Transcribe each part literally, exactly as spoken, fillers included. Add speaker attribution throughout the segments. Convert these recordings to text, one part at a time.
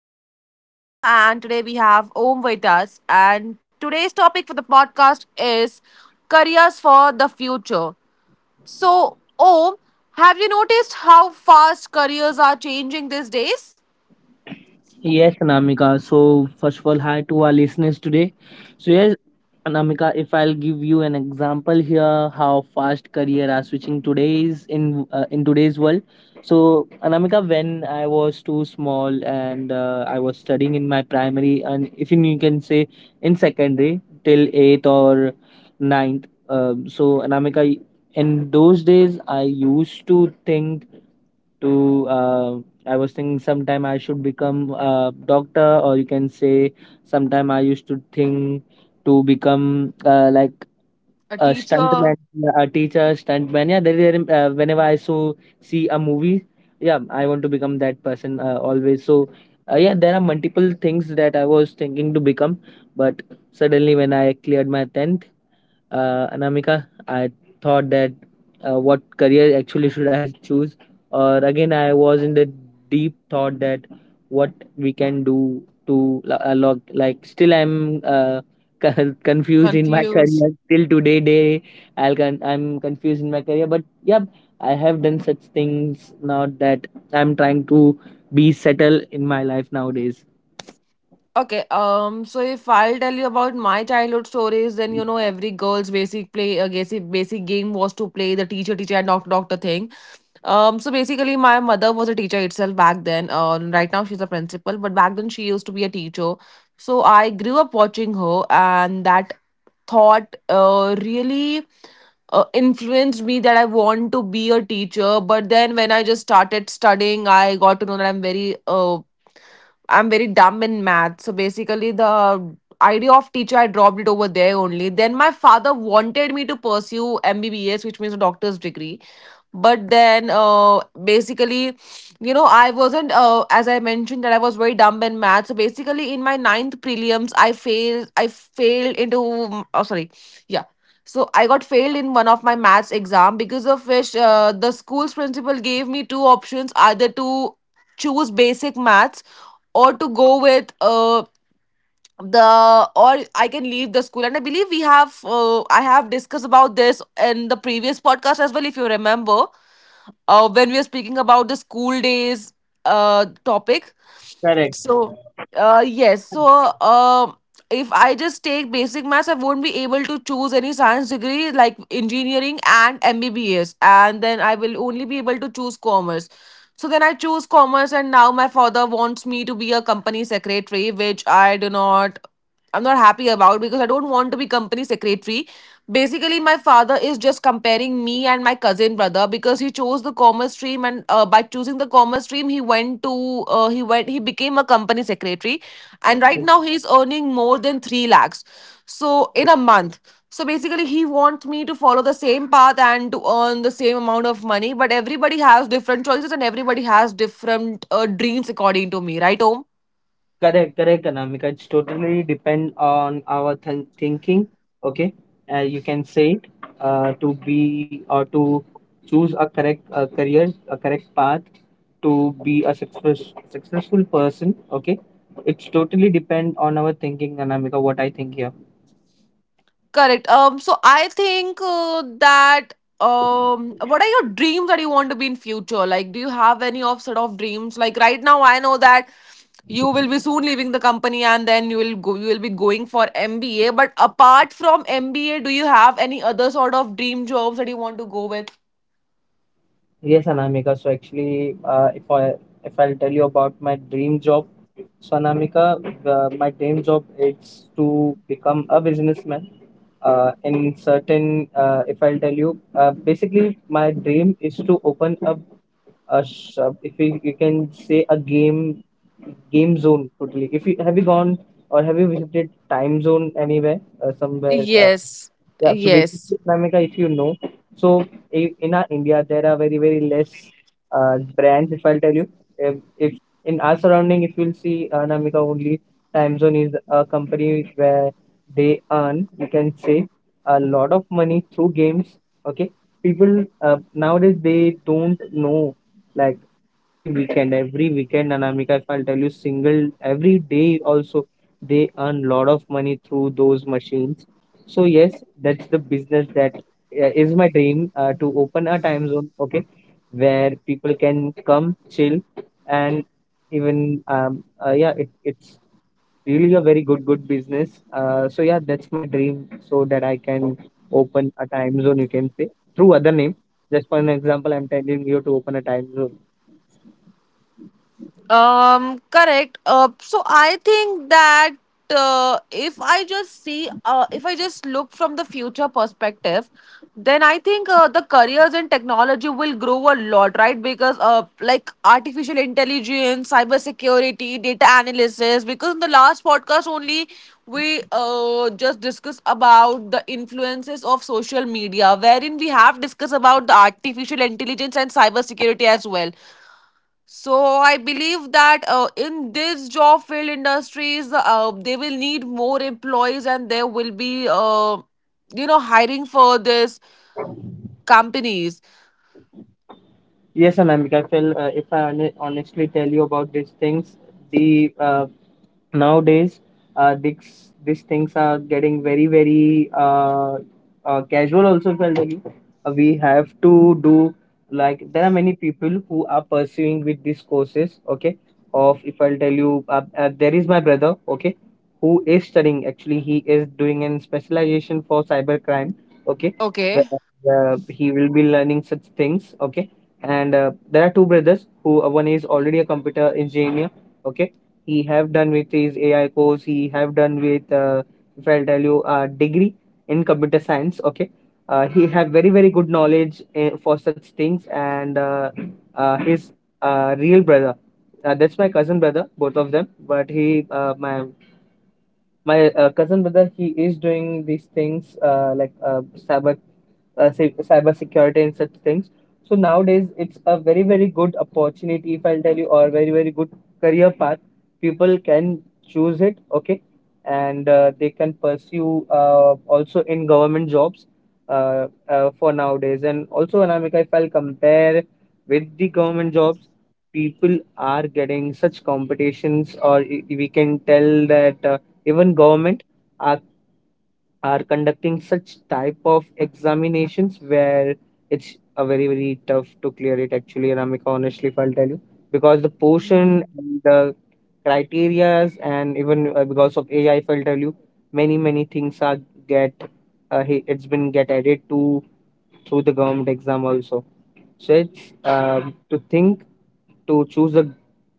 Speaker 1: Us. This is Anamika, and today we have Om with us. And today's topic for the podcast is careers for the future. So, Om, have you noticed how fast careers are changing these days?
Speaker 2: Yes, Anamika. So, first of all, hi to our listeners today. So, yes, Anamika, if I'll give you an example here, how fast career are switching today's in uh, in today's world. So, Anamika, when I was too small and uh, I was studying in my primary and if you you can say in secondary till eighth or ninth. Um, so, Anamika, in those days, I used to think to uh, I was thinking sometime I should become a doctor, or you can say sometime I used to think to become uh, like
Speaker 1: A
Speaker 2: a
Speaker 1: teacher.
Speaker 2: stuntman, a teacher, stuntman. Yeah, there, there, uh, whenever I so see a movie, yeah, I want to become that person uh, always. So uh, yeah, there are multiple things that I was thinking to become, but suddenly when I cleared my tenth, uh, Anamika, I thought that, uh, what career actually should I choose? Or again, I was in the deep thought that what we can do to lo- uh, log like still I'm uh, con- confused in my
Speaker 1: Confused.
Speaker 2: career till today day. I'll con- I'm confused in my career, but yeah, I have done such things now that I'm trying to be settled in my life nowadays.
Speaker 1: Okay, um, so if I'll tell you about my childhood stories, then you know every girl's basic play, uh, basic basic game was to play the teacher, teacher and doctor, doctor thing. Um, so basically, my mother was a teacher itself back then. Uh, right now she's a principal, but back then she used to be a teacher. So I grew up watching her, and that thought uh, really uh, influenced me that I want to be a teacher. But then when I just started studying, I got to know that I'm very uh, I'm very dumb in math. So basically, the idea of teacher, I dropped it over there only. Then my father wanted me to pursue M B B S, which means a doctor's degree. But then, uh, basically, you know, I wasn't, uh, as I mentioned, that I was very dumb in math. So basically, in my ninth prelims, I failed. I failed into. Oh, sorry. Yeah. So I got failed in one of my maths exam, because of which uh, the school's principal gave me two options: either to choose basic maths or to go with uh, the or I can leave the school. And I believe we have uh, I have discussed about this in the previous podcast as well, if you remember, uh, when we were speaking about the school days uh, topic. So uh, yes, so um if I just take basic maths, I won't be able to choose any science degree like engineering and M B B S, and then I will only be able to choose commerce. So then I choose commerce, and now my father wants me to be a company secretary, which I do not. I'm not happy about, because I don't want to be company secretary. Basically, my father is just comparing me and my cousin brother, because he chose the commerce stream, and uh, by choosing the commerce stream he went to uh, he went he became a company secretary. And right now he's earning more than 3 lakhs, so in a month. So basically, he wants me to follow the same path and to earn the same amount of money, but everybody has different choices and everybody has different uh, dreams, according to me, right, Om?
Speaker 2: Correct, correct, Anamika. It's totally depend on our th thinking, okay? Uh, you can say it, uh, to be or to choose a correct uh, career, a correct path to be a success, successful person, okay? It's totally depend on our thinking, Anamika, what I think here.
Speaker 1: Correct. Um, so I think uh, that um, what are your dreams that you want to be in future? Like, do you have any of sort of dreams? Like right now, I know that you will be soon leaving the company, and then you will go, you will be going for M B A. But apart from M B A, do you have any other sort of dream jobs that you want to go with?
Speaker 2: Yes, Anamika. So actually, uh, if I if I'll tell you about my dream job, so Anamika, uh, my dream job is to become a businessman uh, in certain. Uh, if I'll tell you, uh, basically my dream is to open up a shop, if we, you can say, a game game zone. Totally, if you have you gone or have you visited time zone anywhere uh, somewhere uh,
Speaker 1: Yes,
Speaker 2: Yeah, so
Speaker 1: yes.
Speaker 2: basically, Namika, if you know, so i- in our India, there are very, very less uh, brands, if I'll tell you. If, if in our surrounding, if you'll see, uh, Namika, only Time Zone is a company where they earn, you can say, a lot of money through games. Okay. People uh, nowadays, they don't know, like, every weekend, every weekend, Namika, if I'll tell you, single, every day also, they earn lot of money through those machines. So yes, that's the business that uh, is my dream, uh, to open a time zone, okay, where people can come chill and even um uh, yeah, it, it's really a very good good business. Uh, so yeah, that's my dream so that I can open a time zone, you can say through other name. Just for an example, I'm telling you to open a time zone.
Speaker 1: Um, correct. Uh, so I think that uh, if I just see, uh, if I just look from the future perspective, then I think uh, the careers in technology will grow a lot, right? Because uh, like artificial intelligence, cybersecurity, data analysis. Because in the last podcast only we uh, just discussed about the influences of social media, wherein we have discussed about the artificial intelligence and cybersecurity as well. So I believe that uh, in this job field industries, uh, they will need more employees, and there will be, uh, you know, hiring for this companies.
Speaker 2: Yes, Anamika, I feel, uh, if I hone- honestly tell you about these things, the uh, nowadays uh, these these things are getting very very uh, uh, casual also, if I'll tell you. Uh, we have to do like there are many people who are pursuing with these courses, okay, of if I'll tell you. Uh, uh, there is my brother, okay, who is studying, actually he is doing an specialization for cyber crime, okay,
Speaker 1: Okay.
Speaker 2: where uh, he will be learning such things, okay. And uh, there are two brothers who uh, one is already a computer engineer, okay. He have done with his A I course, he have done with, uh, if I'll tell you, uh, degree in computer science. Okay, uh, he have very very good knowledge uh, for such things, and uh, uh, his uh, real brother, uh, that's my cousin brother, both of them. But he, uh, my my uh, cousin brother, he is doing these things, uh, like uh, cyber uh, cy- cyber security and such things. So nowadays it's a very very good opportunity, if I'll tell you, or very very good career path people can choose it, okay. And uh, they can pursue, uh, also in government jobs, uh, uh, for nowadays. And also, Anamika, if I'll compare with the government jobs, people are getting such competitions, or i- we can tell that uh, even government are, are conducting such type of examinations where it's a very very tough to clear it actually, Ramika. Honestly, if I'll tell you, because the portion,
Speaker 1: Mm.
Speaker 2: and the criterias, and even, uh, because of A I, if I'll tell you, many many things are get uh, he- it's been get added to through the government exam also. So it's um, to think to choose a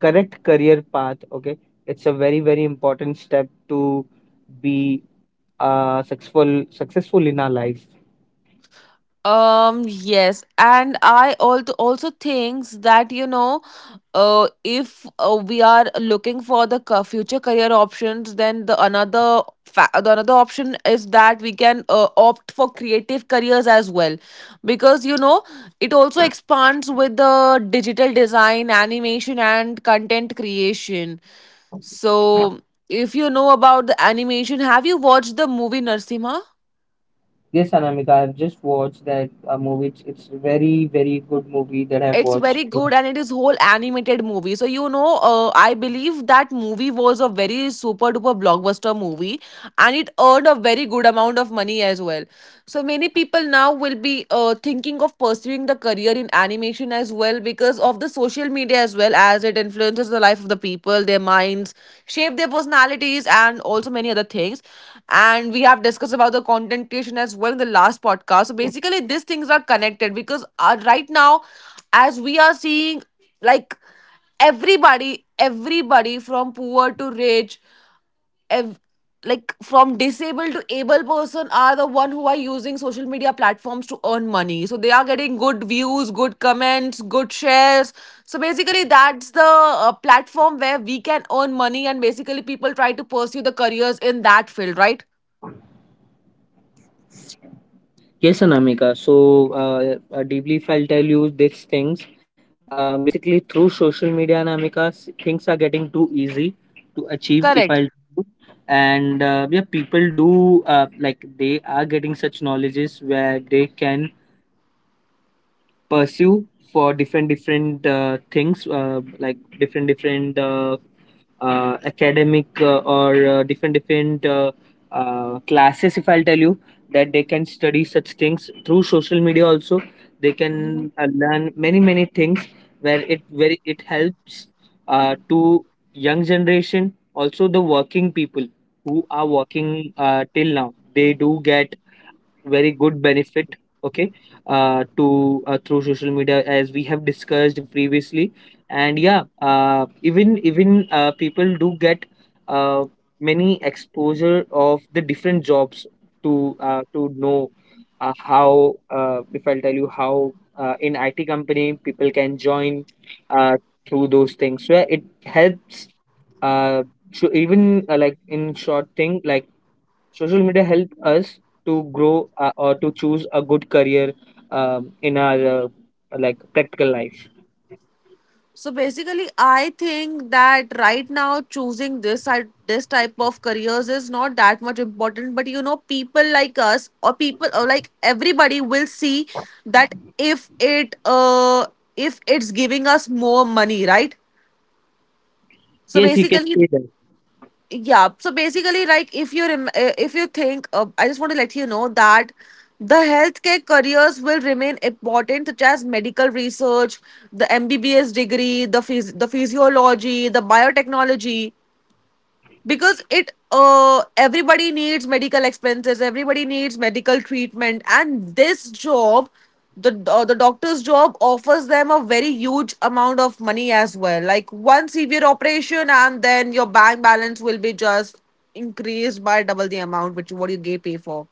Speaker 2: correct career path, okay, it's a very very important step to be uh successful, successful in our life.
Speaker 1: Um. Yes, and I also also thinks that you know uh, if uh, we are looking for the ca- future career options, then the another fa- the another option is that we can uh, opt for creative careers as well, because you know it also expands with the digital design animation and content creation. So if you know about the animation, have you watched the movie Narsimha?
Speaker 2: Yes, Anamika, I've just watched that uh, movie. It's, it's very, very good movie that I've
Speaker 1: It's
Speaker 2: watched.
Speaker 1: very good and it is whole animated movie. So you know uh, I believe that movie was a very super duper blockbuster movie, and it earned a very good amount of money as well. So many people now will be uh, thinking of pursuing the career in animation as well, because of the social media as well as it influences the life of the people, their minds, shape their personalities, and also many other things. And we have discussed about the content creation as well in the last podcast. So basically, these things are connected, because uh, right now, as we are seeing, like everybody everybody from poor to rich, ev- like from disabled to able person are the one who are using social media platforms to earn money. So they are getting good views, good comments, good shares. So basically that's the uh, platform where we can earn money, and basically people try to pursue the careers in that field, right?
Speaker 2: Yes, Anamika. So, uh, uh, deeply, if I'll tell you these things, uh, basically through social media, Anamika, s- things are getting too easy to achieve. If
Speaker 1: Correct.
Speaker 2: I'll do. And uh, yeah, people do uh, like they are getting such knowledges where they can pursue for different different uh, things, uh, like different different uh, uh, academic, uh, or uh, different different uh, uh, classes, if I'll tell you, that they can study such things through social media also. They can uh, learn many many things where it very it helps uh, to young generation also the working people who are working uh, till now. They do get very good benefit, okay, uh, to uh, through social media, as we have discussed previously. And yeah, uh, even even uh, people do get uh, many exposure of the different jobs to uh, to know uh, how uh, if I'll tell you how, uh, in I T company people can join uh, through those things. So yeah, it helps. Uh, so even uh, Like in short thing, like social media help us to grow, uh, or to choose a good career um, in our uh, like practical life.
Speaker 1: So basically, I think that right now choosing this side- this type of careers is not that much important. But you know, people like us or people or like everybody will see that if it uh if it's giving us more money, right? So
Speaker 2: Yes, you can
Speaker 1: basically,
Speaker 2: say that.
Speaker 1: yeah, so basically, like if you rem- uh, if you think, uh, I just want to let you know that the healthcare careers will remain important, such as medical research, the MBBS degree, the phys- the physiology, the biotechnology, because it uh everybody needs medical expenses, everybody needs medical treatment, and this job, the uh, the doctor's job offers them a very huge amount of money as well. Like one severe operation, and then your bank balance will be just increased by double the amount which what you gave pay for.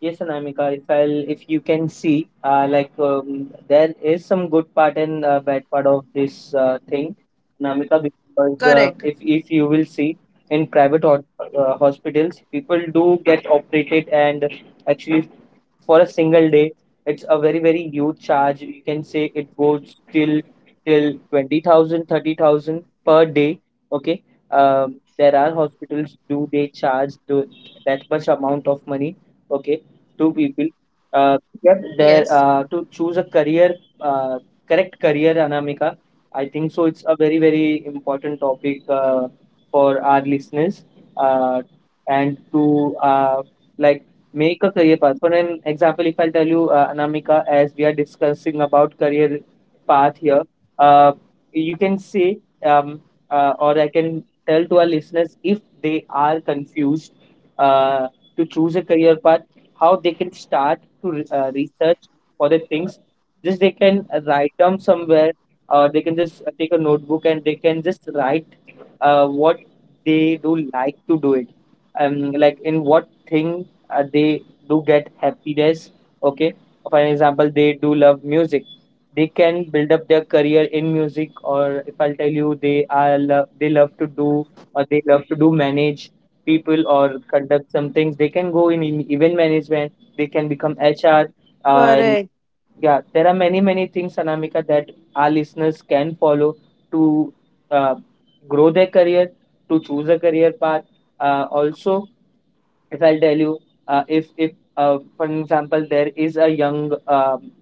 Speaker 2: Yes, Anamika, if I'll, if you can see, uh, like um, there is some good part and uh, bad part of this uh, thing, Anamika,
Speaker 1: Correct.
Speaker 2: because uh, if if you will see in private hot, uh, hospitals, people do get operated, and actually for a single day, it's a very very huge charge. You can say it goes till till twenty thousand, thirty thousand per day. Okay, um, there are hospitals do they charge the, that much amount of money? Okay, two people
Speaker 1: Yes.
Speaker 2: uh, get their, uh, to choose a career, uh, correct career, Anamika. I think so, it's a very very important topic uh, for our listeners, uh, and to uh, like make a career path. For an example, if I tell you, uh, Anamika, as we are discussing about career path here, uh, you can say, um, uh, or I can tell to our listeners, if they are confused uh, to choose a career path, how they can start to uh, research for the things. Just they can write down somewhere or they can just uh, take a notebook and they can just write uh, what they do like to do it, um, like in what thing uh, they do get happiness, okay. For an example, they do love music, they can build up their career in music. Or if I'll tell you, they are lo- they love to do or they love to do manage people or conduct some things. They can go in, in event management. They can become H R. And
Speaker 1: Correct.
Speaker 2: yeah, there are many many things, Anamika, that our listeners can follow to uh, grow their career, to choose a career path. Uh, also, if I'll tell you, uh, if if uh, for example, there is a young um,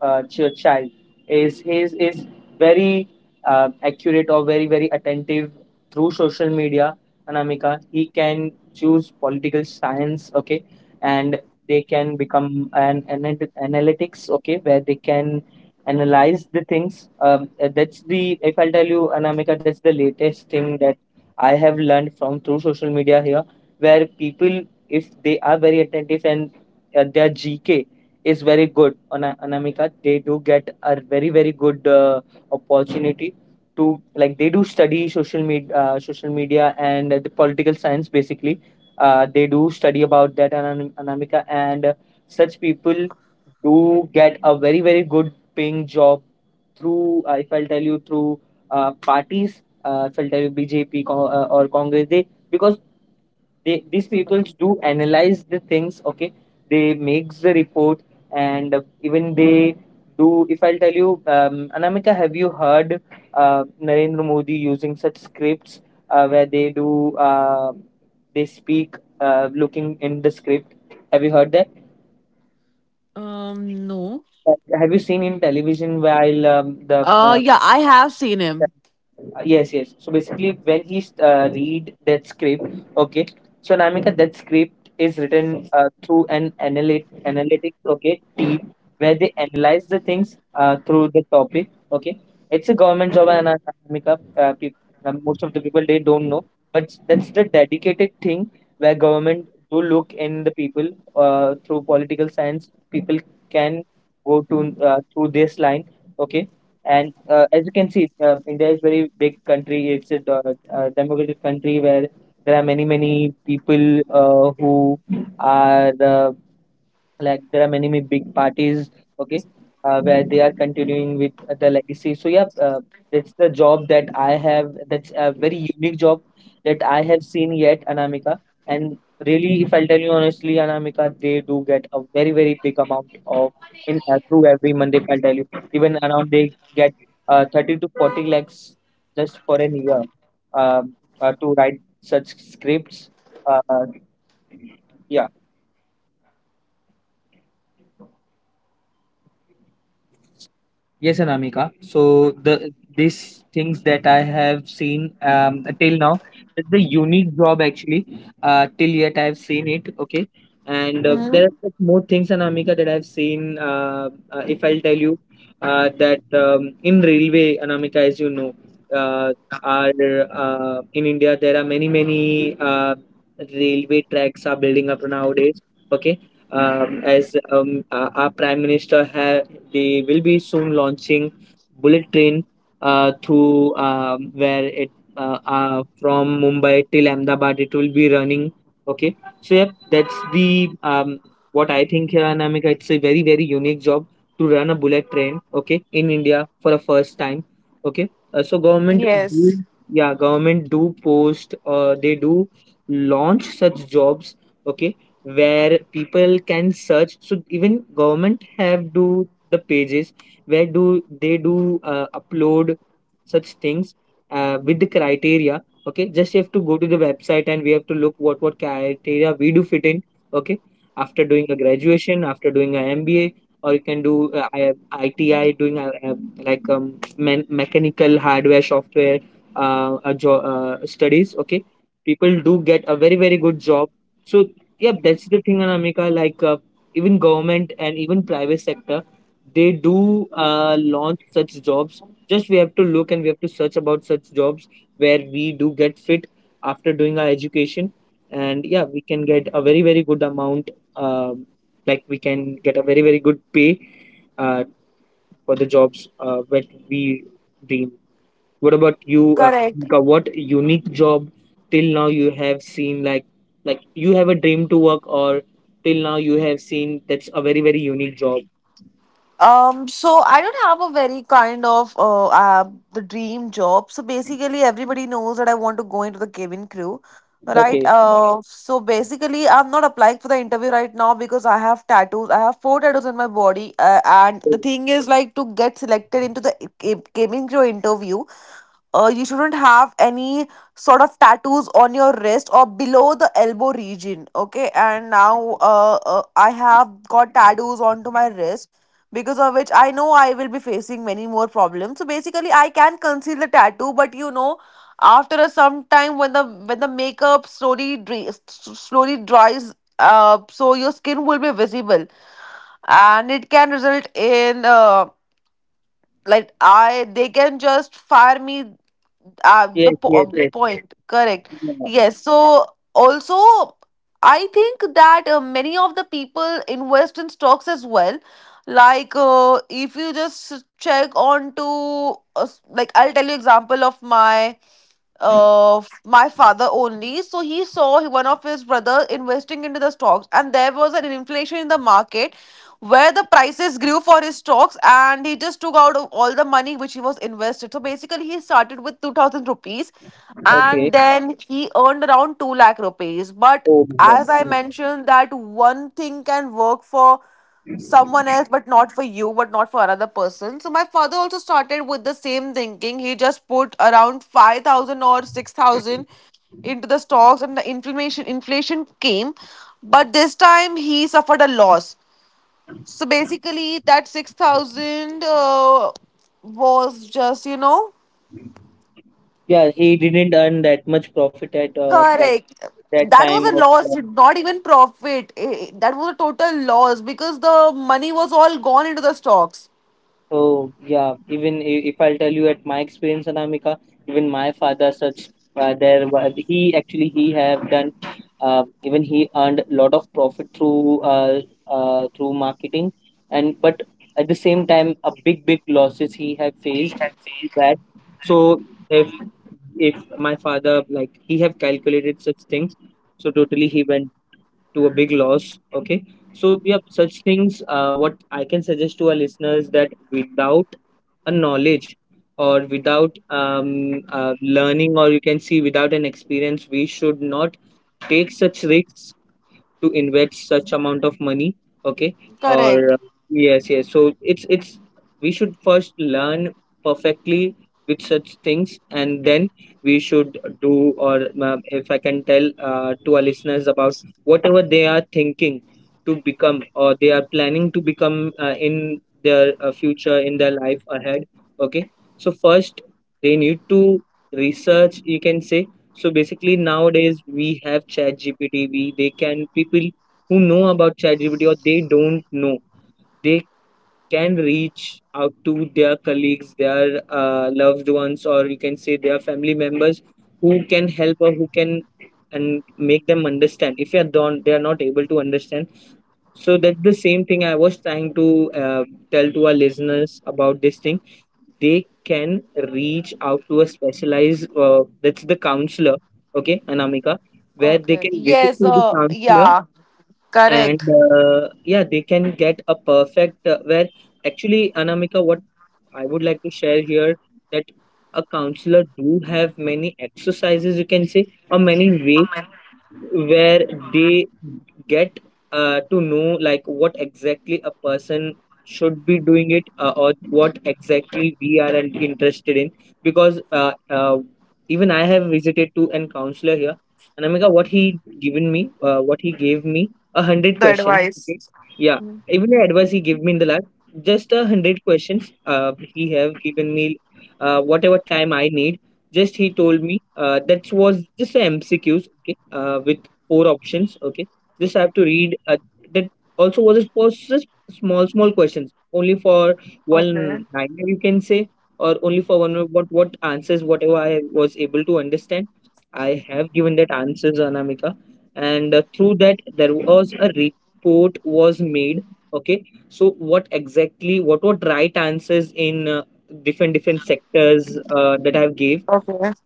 Speaker 2: uh, ch- child is is is very uh, accurate or very very attentive through social media, Anamika. He can choose political science, okay, and they can become an, an analytics, okay, where they can analyze the things, um, uh, that's the, if I'll tell you, Anamika, that's the latest thing that I have learned from through social media here, where people, if they are very attentive and uh, their g k is very good on a- Anamika. They do get a very very good uh, opportunity to like they do study social media, uh, social media and the political science basically. Uh, they do study about that Anam- Anamika, and uh, such people do get a very very good paying job through, uh, if I'll tell you, through uh, parties. Uh, if I'll tell you, B J P co- uh, or Congress, they because they these people do analyze the things, okay, they makes the report, and even they do. If I'll tell you, um, Anamika, have you heard uh, Narendra Modi using such scripts uh, where they do uh, they speak uh, looking in the script? Have you heard that?
Speaker 1: um No.
Speaker 2: Uh, Have you seen in television while um, the
Speaker 1: Uh
Speaker 2: uh,
Speaker 1: yeah, I have seen him.
Speaker 2: Uh, yes, yes, so basically when he uh, read that script. Okay, so Namika, that script is written uh, through an analyt- analytics, okay, team where they analyze the things uh, through the topic. Okay, it's a government job and
Speaker 1: Okay.
Speaker 2: uh, Namika, uh, peop- uh, most of the people they don't know, but that's the dedicated thing where government do look in the people uh, through political science. People can go to uh, through this line. Okay, and uh, as you can see, uh, India is very big country. It's a, uh, a democratic country where there are many many people uh, who are uh, like there are many, many big parties. Okay, uh, where they are continuing with uh, the legacy. So yeah uh, that's the job that I have, that's a very unique job that I have seen yet, Anamika. And really, if I'll tell you honestly, Anamika, they do get a very very big amount of in uh, through every month, if I'll tell you, even around they get uh, thirty to forty lakhs just for an year. um, uh, to write such scripts. uh, yeah, Yes, Anamika. So the these things that I have seen um, till now, it's a unique job actually. Uh, till yet I have seen it. Okay, and uh, there
Speaker 1: Hmm.
Speaker 2: are such more things, Anamika, that I've seen. Uh, uh, if I'll tell you uh, that um, in railway, Anamika, as you know, uh, are uh, in India there are many many uh, railway tracks are building up nowadays. Okay, um, as um, uh, our prime minister have, they will be soon launching bullet train uh, through um, where it uh, uh, from Mumbai till Ahmedabad it will be running. Okay, so yep, that's the um, what I think here, Anamika. It's a very very unique job to run a bullet train. Okay, in India for the first time. Okay, uh, so government do.
Speaker 1: Yes.
Speaker 2: Yeah, government do post uh, they do launch such jobs. Okay, where people can search. So even government have do the pages where do they do uh, upload such things uh, with the criteria. Okay, just you have to go to the website and we have to look what what criteria we do fit in. Okay, after doing a graduation, after doing an MBA, or you can do uh, I- ITI, doing a, a, like um, me- mechanical, hardware, software uh, a jo- uh, studies. Okay, people do get a very very good job. So yeah, that's the thing, Anamika, like uh, even government and even private sector, they do uh, launch such jobs. Just we have to look and we have to search about such jobs where we do get fit after doing our education, and yeah, we can get a very very good amount. Um, like we can get a very very good pay uh, for the jobs uh, that we dream. What about you? Uh,
Speaker 1: Correct.
Speaker 2: Deepika? What unique job till now you have seen, like like you have a dream to work, or till now you have seen that's a very very unique job.
Speaker 1: Um, so I don't have a very kind of uh, uh the dream job. So basically, everybody knows that I want to go into the cabin crew, right?
Speaker 2: Okay.
Speaker 1: Uh, so basically, I'm not applying for the interview right now because I have tattoos. I have four tattoos on my body, uh, and the thing is, like, to get selected into the ca- cabin crew interview, uh, you shouldn't have any sort of tattoos on your wrist or below the elbow region. Okay. And now, uh, uh, I have got tattoos onto my wrist, because of which I know I will be facing many more problems. So basically, I can conceal the tattoo, but you know, after a some time when the when the makeup slowly dri- slowly dries up, so your skin will be visible, and it can result in uh, like I they can just fire me, uh, the
Speaker 2: Yes,
Speaker 1: po- uh,
Speaker 2: yes, yes.
Speaker 1: Right. Point. Correct.
Speaker 2: Yeah.
Speaker 1: Yes, so also I think that uh, many of the people invest in stocks as well. Like uh, if you just check on to uh, s- like I'll tell you example of my uh f- my father only, so he saw one of his brother investing into the stocks and there was an inflation in the market where the prices grew for his stocks, and he just took out all the money which he was invested. So basically, he started with 2000 rupees,
Speaker 2: Okay.
Speaker 1: and then he earned around 2 lakh rupees. But
Speaker 2: Oh my
Speaker 1: as I
Speaker 2: God.
Speaker 1: mentioned, that one thing can work for someone else but not for you, but not for another person. So my father also started with the same thinking. He just put around five thousand or six thousand into the stocks, and the inflammation inflation came, but this time he suffered a loss. So basically, that six thousand uh, was just, you know,
Speaker 2: Yeah, he didn't earn that much profit at uh, like
Speaker 1: correct.
Speaker 2: that
Speaker 1: That
Speaker 2: time
Speaker 1: was a
Speaker 2: of.
Speaker 1: loss,
Speaker 2: Uh,
Speaker 1: not even profit. Eh, That was a total loss because the money was all gone into the stocks.
Speaker 2: so yeah, even i- if I'll tell you at my experience, Anamika, even my father, such uh, there was he actually he have done. Uh, even he earned a lot of profit through uh, uh, through marketing, and but at the same time, a big big losses he have faced with that. So if if my father like he have calculated such things, so totally he went to a big loss. Okay, so yeah, such things uh, what I can suggest to our listeners, that without a knowledge or without um, uh, learning, or you can see, without an experience, we should not take such risks to invest such amount of money. Okay,
Speaker 1: Correct.
Speaker 2: or uh, yes, yes, so it's it's we should first learn perfectly with such things, and then we should do. Or uh, if I can tell uh, to our listeners about whatever they are thinking to become, or they are planning to become uh, in their uh, future, in their life ahead. Okay, so first they need to research, you can say. So basically nowadays we have ChatGPT. We they can people who know about ChatGPT or they don't know, they can reach out to their colleagues, their uh, loved ones, or you can say their family members who can help or who can and make them understand. If they are don't, they are not able to understand. So that's the same thing I was trying to uh, tell to our listeners about this thing. They can reach out to a specialized uh, that's the counselor. Okay, Anamika, where they
Speaker 1: Okay.
Speaker 2: can visit
Speaker 1: Yes,
Speaker 2: to the
Speaker 1: uh,
Speaker 2: counselor.
Speaker 1: yeah,
Speaker 2: And
Speaker 1: correct.
Speaker 2: uh, yeah, they can get a perfect uh, where actually, Anamika, what I would like to share here, that a counselor do have many exercises, you can say, or many ways where they get uh, to know, like what exactly a person should be doing it, uh, or what exactly we are in- interested in. Because uh, uh, even I have visited to an counselor here. And Amika, what he given me, uh, what he gave me a hundred questions, okay?
Speaker 1: Advice.
Speaker 2: Yeah, even the advice he gave me in the last, just a hundred questions uh, he have given me uh, whatever time I need. Just he told me uh, that was just a MCQs, okay, uh, with four options. Okay, this I have to read. Uh, that also was was just small small questions, only for
Speaker 1: Okay.
Speaker 2: one liner you can say, or only for one, what what answers whatever I was able to understand. I have given that answers, Anamika, and uh, through that there was a report was made. Okay, so what exactly, what were right answers in uh, different different sectors uh, that I have gave.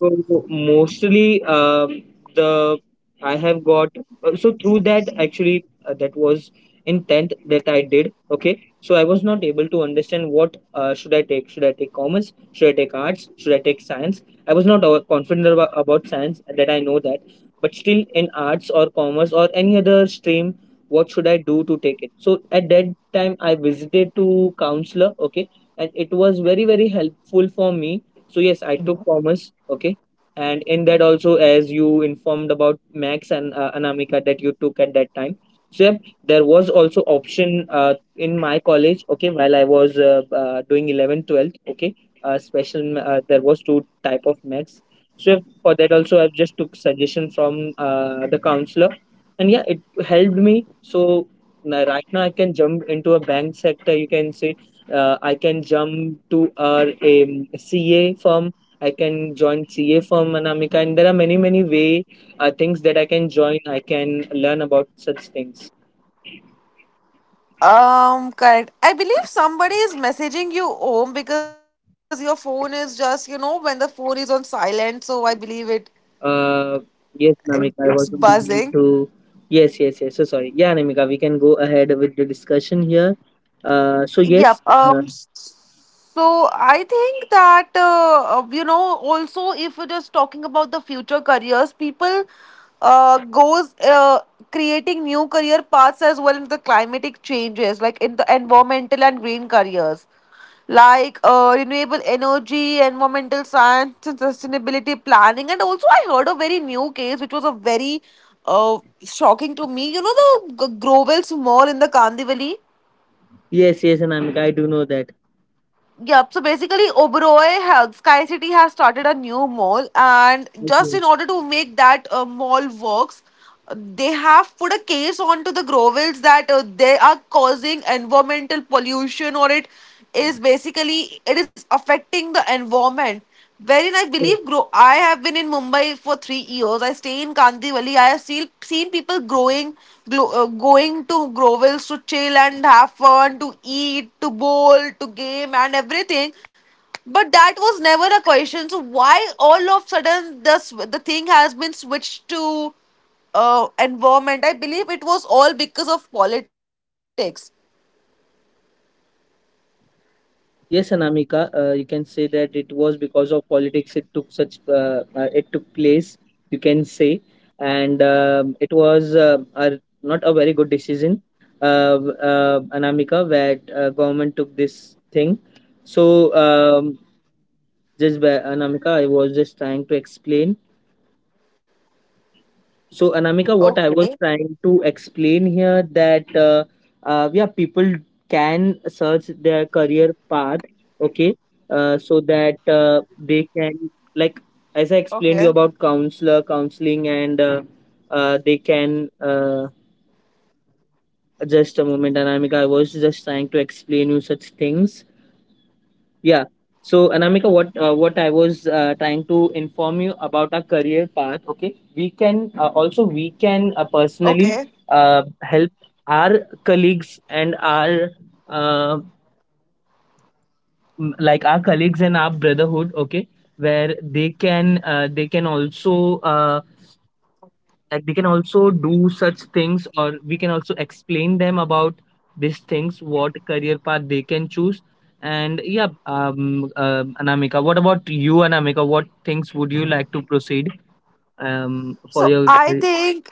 Speaker 2: So mostly, um, the I have got uh, so through that actually, uh, that was in tenth that I did. Okay, so I was not able to understand what uh, should I take. Should I take commerce? Should I take arts? Should I take science? I was not uh, confident about, about science. That I know that, but still in arts or commerce or any other stream, what should I do to take it? So at that time, I visited to counselor. Okay, and it was very very helpful for me. So yes, I took commerce. Okay, and in that also, as you informed about max and uh, Anamika, that you took at that time. So yep, there was also option uh, in my college, okay, while I was uh, uh, doing eleventh twelfth, okay, uh, special ma- uh, there was two type of max. So yep, for that also I've just took suggestion from uh, the counselor, and yeah, it helped me. So now, right now I can jump into a bank sector, you can say, uh, I can jump to our um, CA firm. I can join C A from Anamika, and there are many, many way uh, things that I can join. I can learn about such things.
Speaker 1: Um, correct. I believe somebody is messaging you home because your phone is just, you know, when the phone is on silent, so I believe it,
Speaker 2: Uh,
Speaker 1: it
Speaker 2: yes,
Speaker 1: it's
Speaker 2: Anamika, I
Speaker 1: buzzing.
Speaker 2: wasn't able to. Yes, yes, yes. So sorry. Yeah, Anamika, we can go ahead with the discussion here. Uh, so
Speaker 1: Yep.
Speaker 2: yes, uh,
Speaker 1: Um. So I think that uh, uh, you know, also if we're just talking about the future careers, people uh goes uh, creating new career paths as well in the climatic changes, like in the environmental and green careers, like uh, renewable energy, environmental science, and sustainability planning. And also, I heard a very new case which was a very uh shocking to me. You know the G- Grovel's Mall in the Kandivali?
Speaker 2: yes, yes, Anamika, I do know that.
Speaker 1: Yep. So basically, Oberoi Health Sky City has started a new mall, and just in order
Speaker 2: Okay,
Speaker 1: to make that uh, mall works, uh, they have put a case onto the Grovels that uh, they are causing environmental pollution, or it is basically it is affecting the environment. Very nice. Believe grow. I have
Speaker 2: so
Speaker 1: been in Mumbai for three years. I stay in Kandivali. I have seen seen people growing, glo- uh, going to Grovels to chill and have fun, to eat, to bowl, to game, and everything. But that was never a question. So why all of sudden this the thing has been switched to uh, environment? I believe it was all because of politics.
Speaker 2: yes, Anamika, uh, you can say that it was because of politics it took such uh, uh, it took place, you can say, and um, it was uh, a, not a very good decision, uh, w- uh, Anamika, that uh, government took this thing. So, um, just by Anamika, I was just trying to explain. So, Anamika, what I
Speaker 1: Okay.
Speaker 2: was trying to explain here, that uh, uh, yeah, people can search their career path, okay, uh, so that uh,
Speaker 1: Okay.
Speaker 2: they can, like as I explained you about counselor, counseling, and uh, uh, they can uh, just a moment, Anamika. I was just trying to explain you such things. Yeah. So, Anamika, what uh, what I was uh, trying to inform you about our career path. Okay, we can uh, also
Speaker 1: Okay.
Speaker 2: we can uh, personally uh, help our colleagues and our uh, m- like our colleagues and our brotherhood. Okay, where they can uh, they can also uh, like they can also do such things, or we can also explain them about these things, what career path they can choose. And yeah, um uh, Anamika, what about you, Anamika? What things would you like to proceed um for
Speaker 1: So
Speaker 2: your
Speaker 1: I think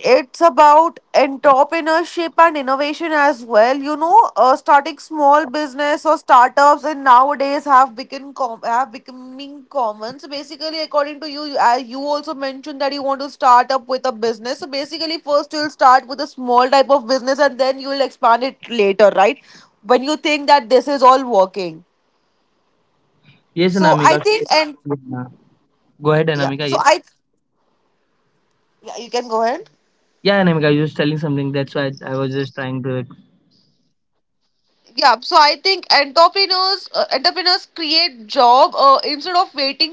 Speaker 1: it's about entrepreneurship and innovation as well. You know, uh, starting small business or startups, and nowadays have become com- have becoming common. So basically, according to you, you, uh, you also mentioned that you want to start up with a business. So basically, first you'll start with a small type of business, and then you'll expand it later, right? When you think that this is all working.
Speaker 2: yes,
Speaker 1: So I
Speaker 2: Anamika.
Speaker 1: think, yes, and ma'am.
Speaker 2: Yeah. Go ahead,
Speaker 1: Yeah,
Speaker 2: Anamika,
Speaker 1: so
Speaker 2: yeah,
Speaker 1: I, yeah, you can go ahead.
Speaker 2: yeah, Anamika, you were telling something, that's why i, I was just trying to.
Speaker 1: Yeah, so I think entrepreneurs uh, entrepreneurs create job uh, instead of waiting for them.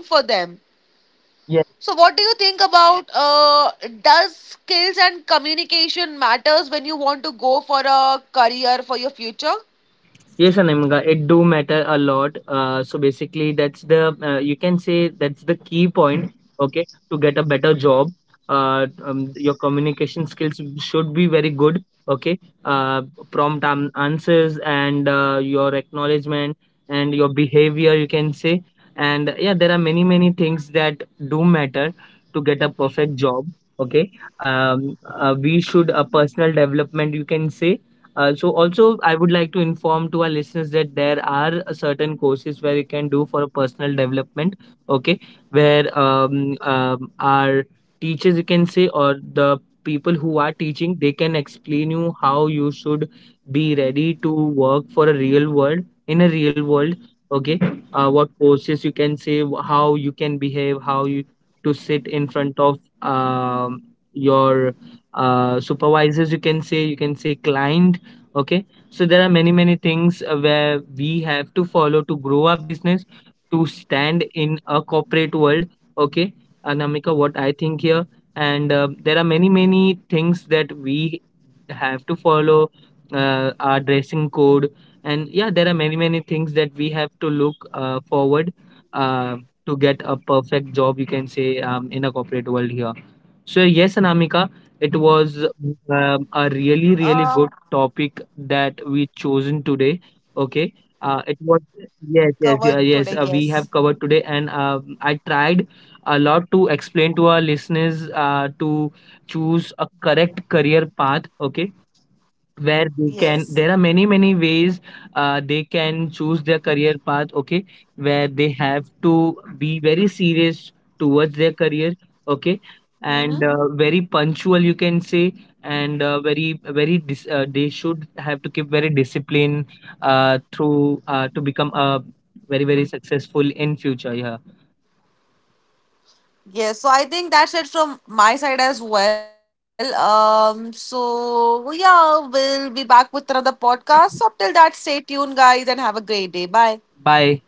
Speaker 1: So what do you think about, uh, does skills and communication matters when you want to go for a career for your future?
Speaker 2: Yes, Anamika, it do matter a lot. Uh, so basically, that's the uh, you can say that's the key point. Okay, to get a better job, uh, um, your communication skills should be very good. Okay, uh, prompt an- answers, and uh, your acknowledgement, and your behavior, you can say. And yeah, there are many many things that do matter to get a perfect job. Okay, um, uh, we should a personal development, you can say. uh, so also, I would like to inform to our listeners that there are a certain courses where you can do for a personal development. Okay, where um, um our teachers, you can say, or the people who are teaching, they can explain you how you should be ready to work for a real world, in a real world. Okay, uh, what courses you can say, wh- how you can behave, how you to sit in front of um your uh, supervisors. You can say, you can say clients. Okay, so there are many, many things uh, where we have to follow to grow our business, to stand in a corporate world. Okay, Anamika, what I think here, and uh, there are many, many things that we have to follow, uh, our dressing code, and yeah, there are many, many things that we have to look uh, forward uh, to get a perfect job, you can say, um, in a corporate world here. So, yes, Anamika, it
Speaker 1: Uh,
Speaker 2: was um, a really, really good topic that we chosen today. Okay.
Speaker 1: Covered
Speaker 2: Uh,
Speaker 1: today,
Speaker 2: it was
Speaker 1: yes.
Speaker 2: yes, yes, yeah, yes. Uh, we have covered today, and um, I tried a lot to explain to our listeners uh, to choose a correct career path. Okay, where
Speaker 1: Yes.
Speaker 2: they can, there are many many ways uh, they can choose their career path. Okay, where they have to be very serious towards their career. Okay,
Speaker 1: Hmm.
Speaker 2: and uh, very punctual, you can say, and uh, very very dis- uh, they should have to keep very discipline uh, through uh, to become uh, very very successful in future. Yeah,
Speaker 1: Yes, so I think that's it from my side as well. Um, so yeah, we'll be back with another podcast. So till that, stay tuned, guys, and have a great day. Bye.
Speaker 2: bye.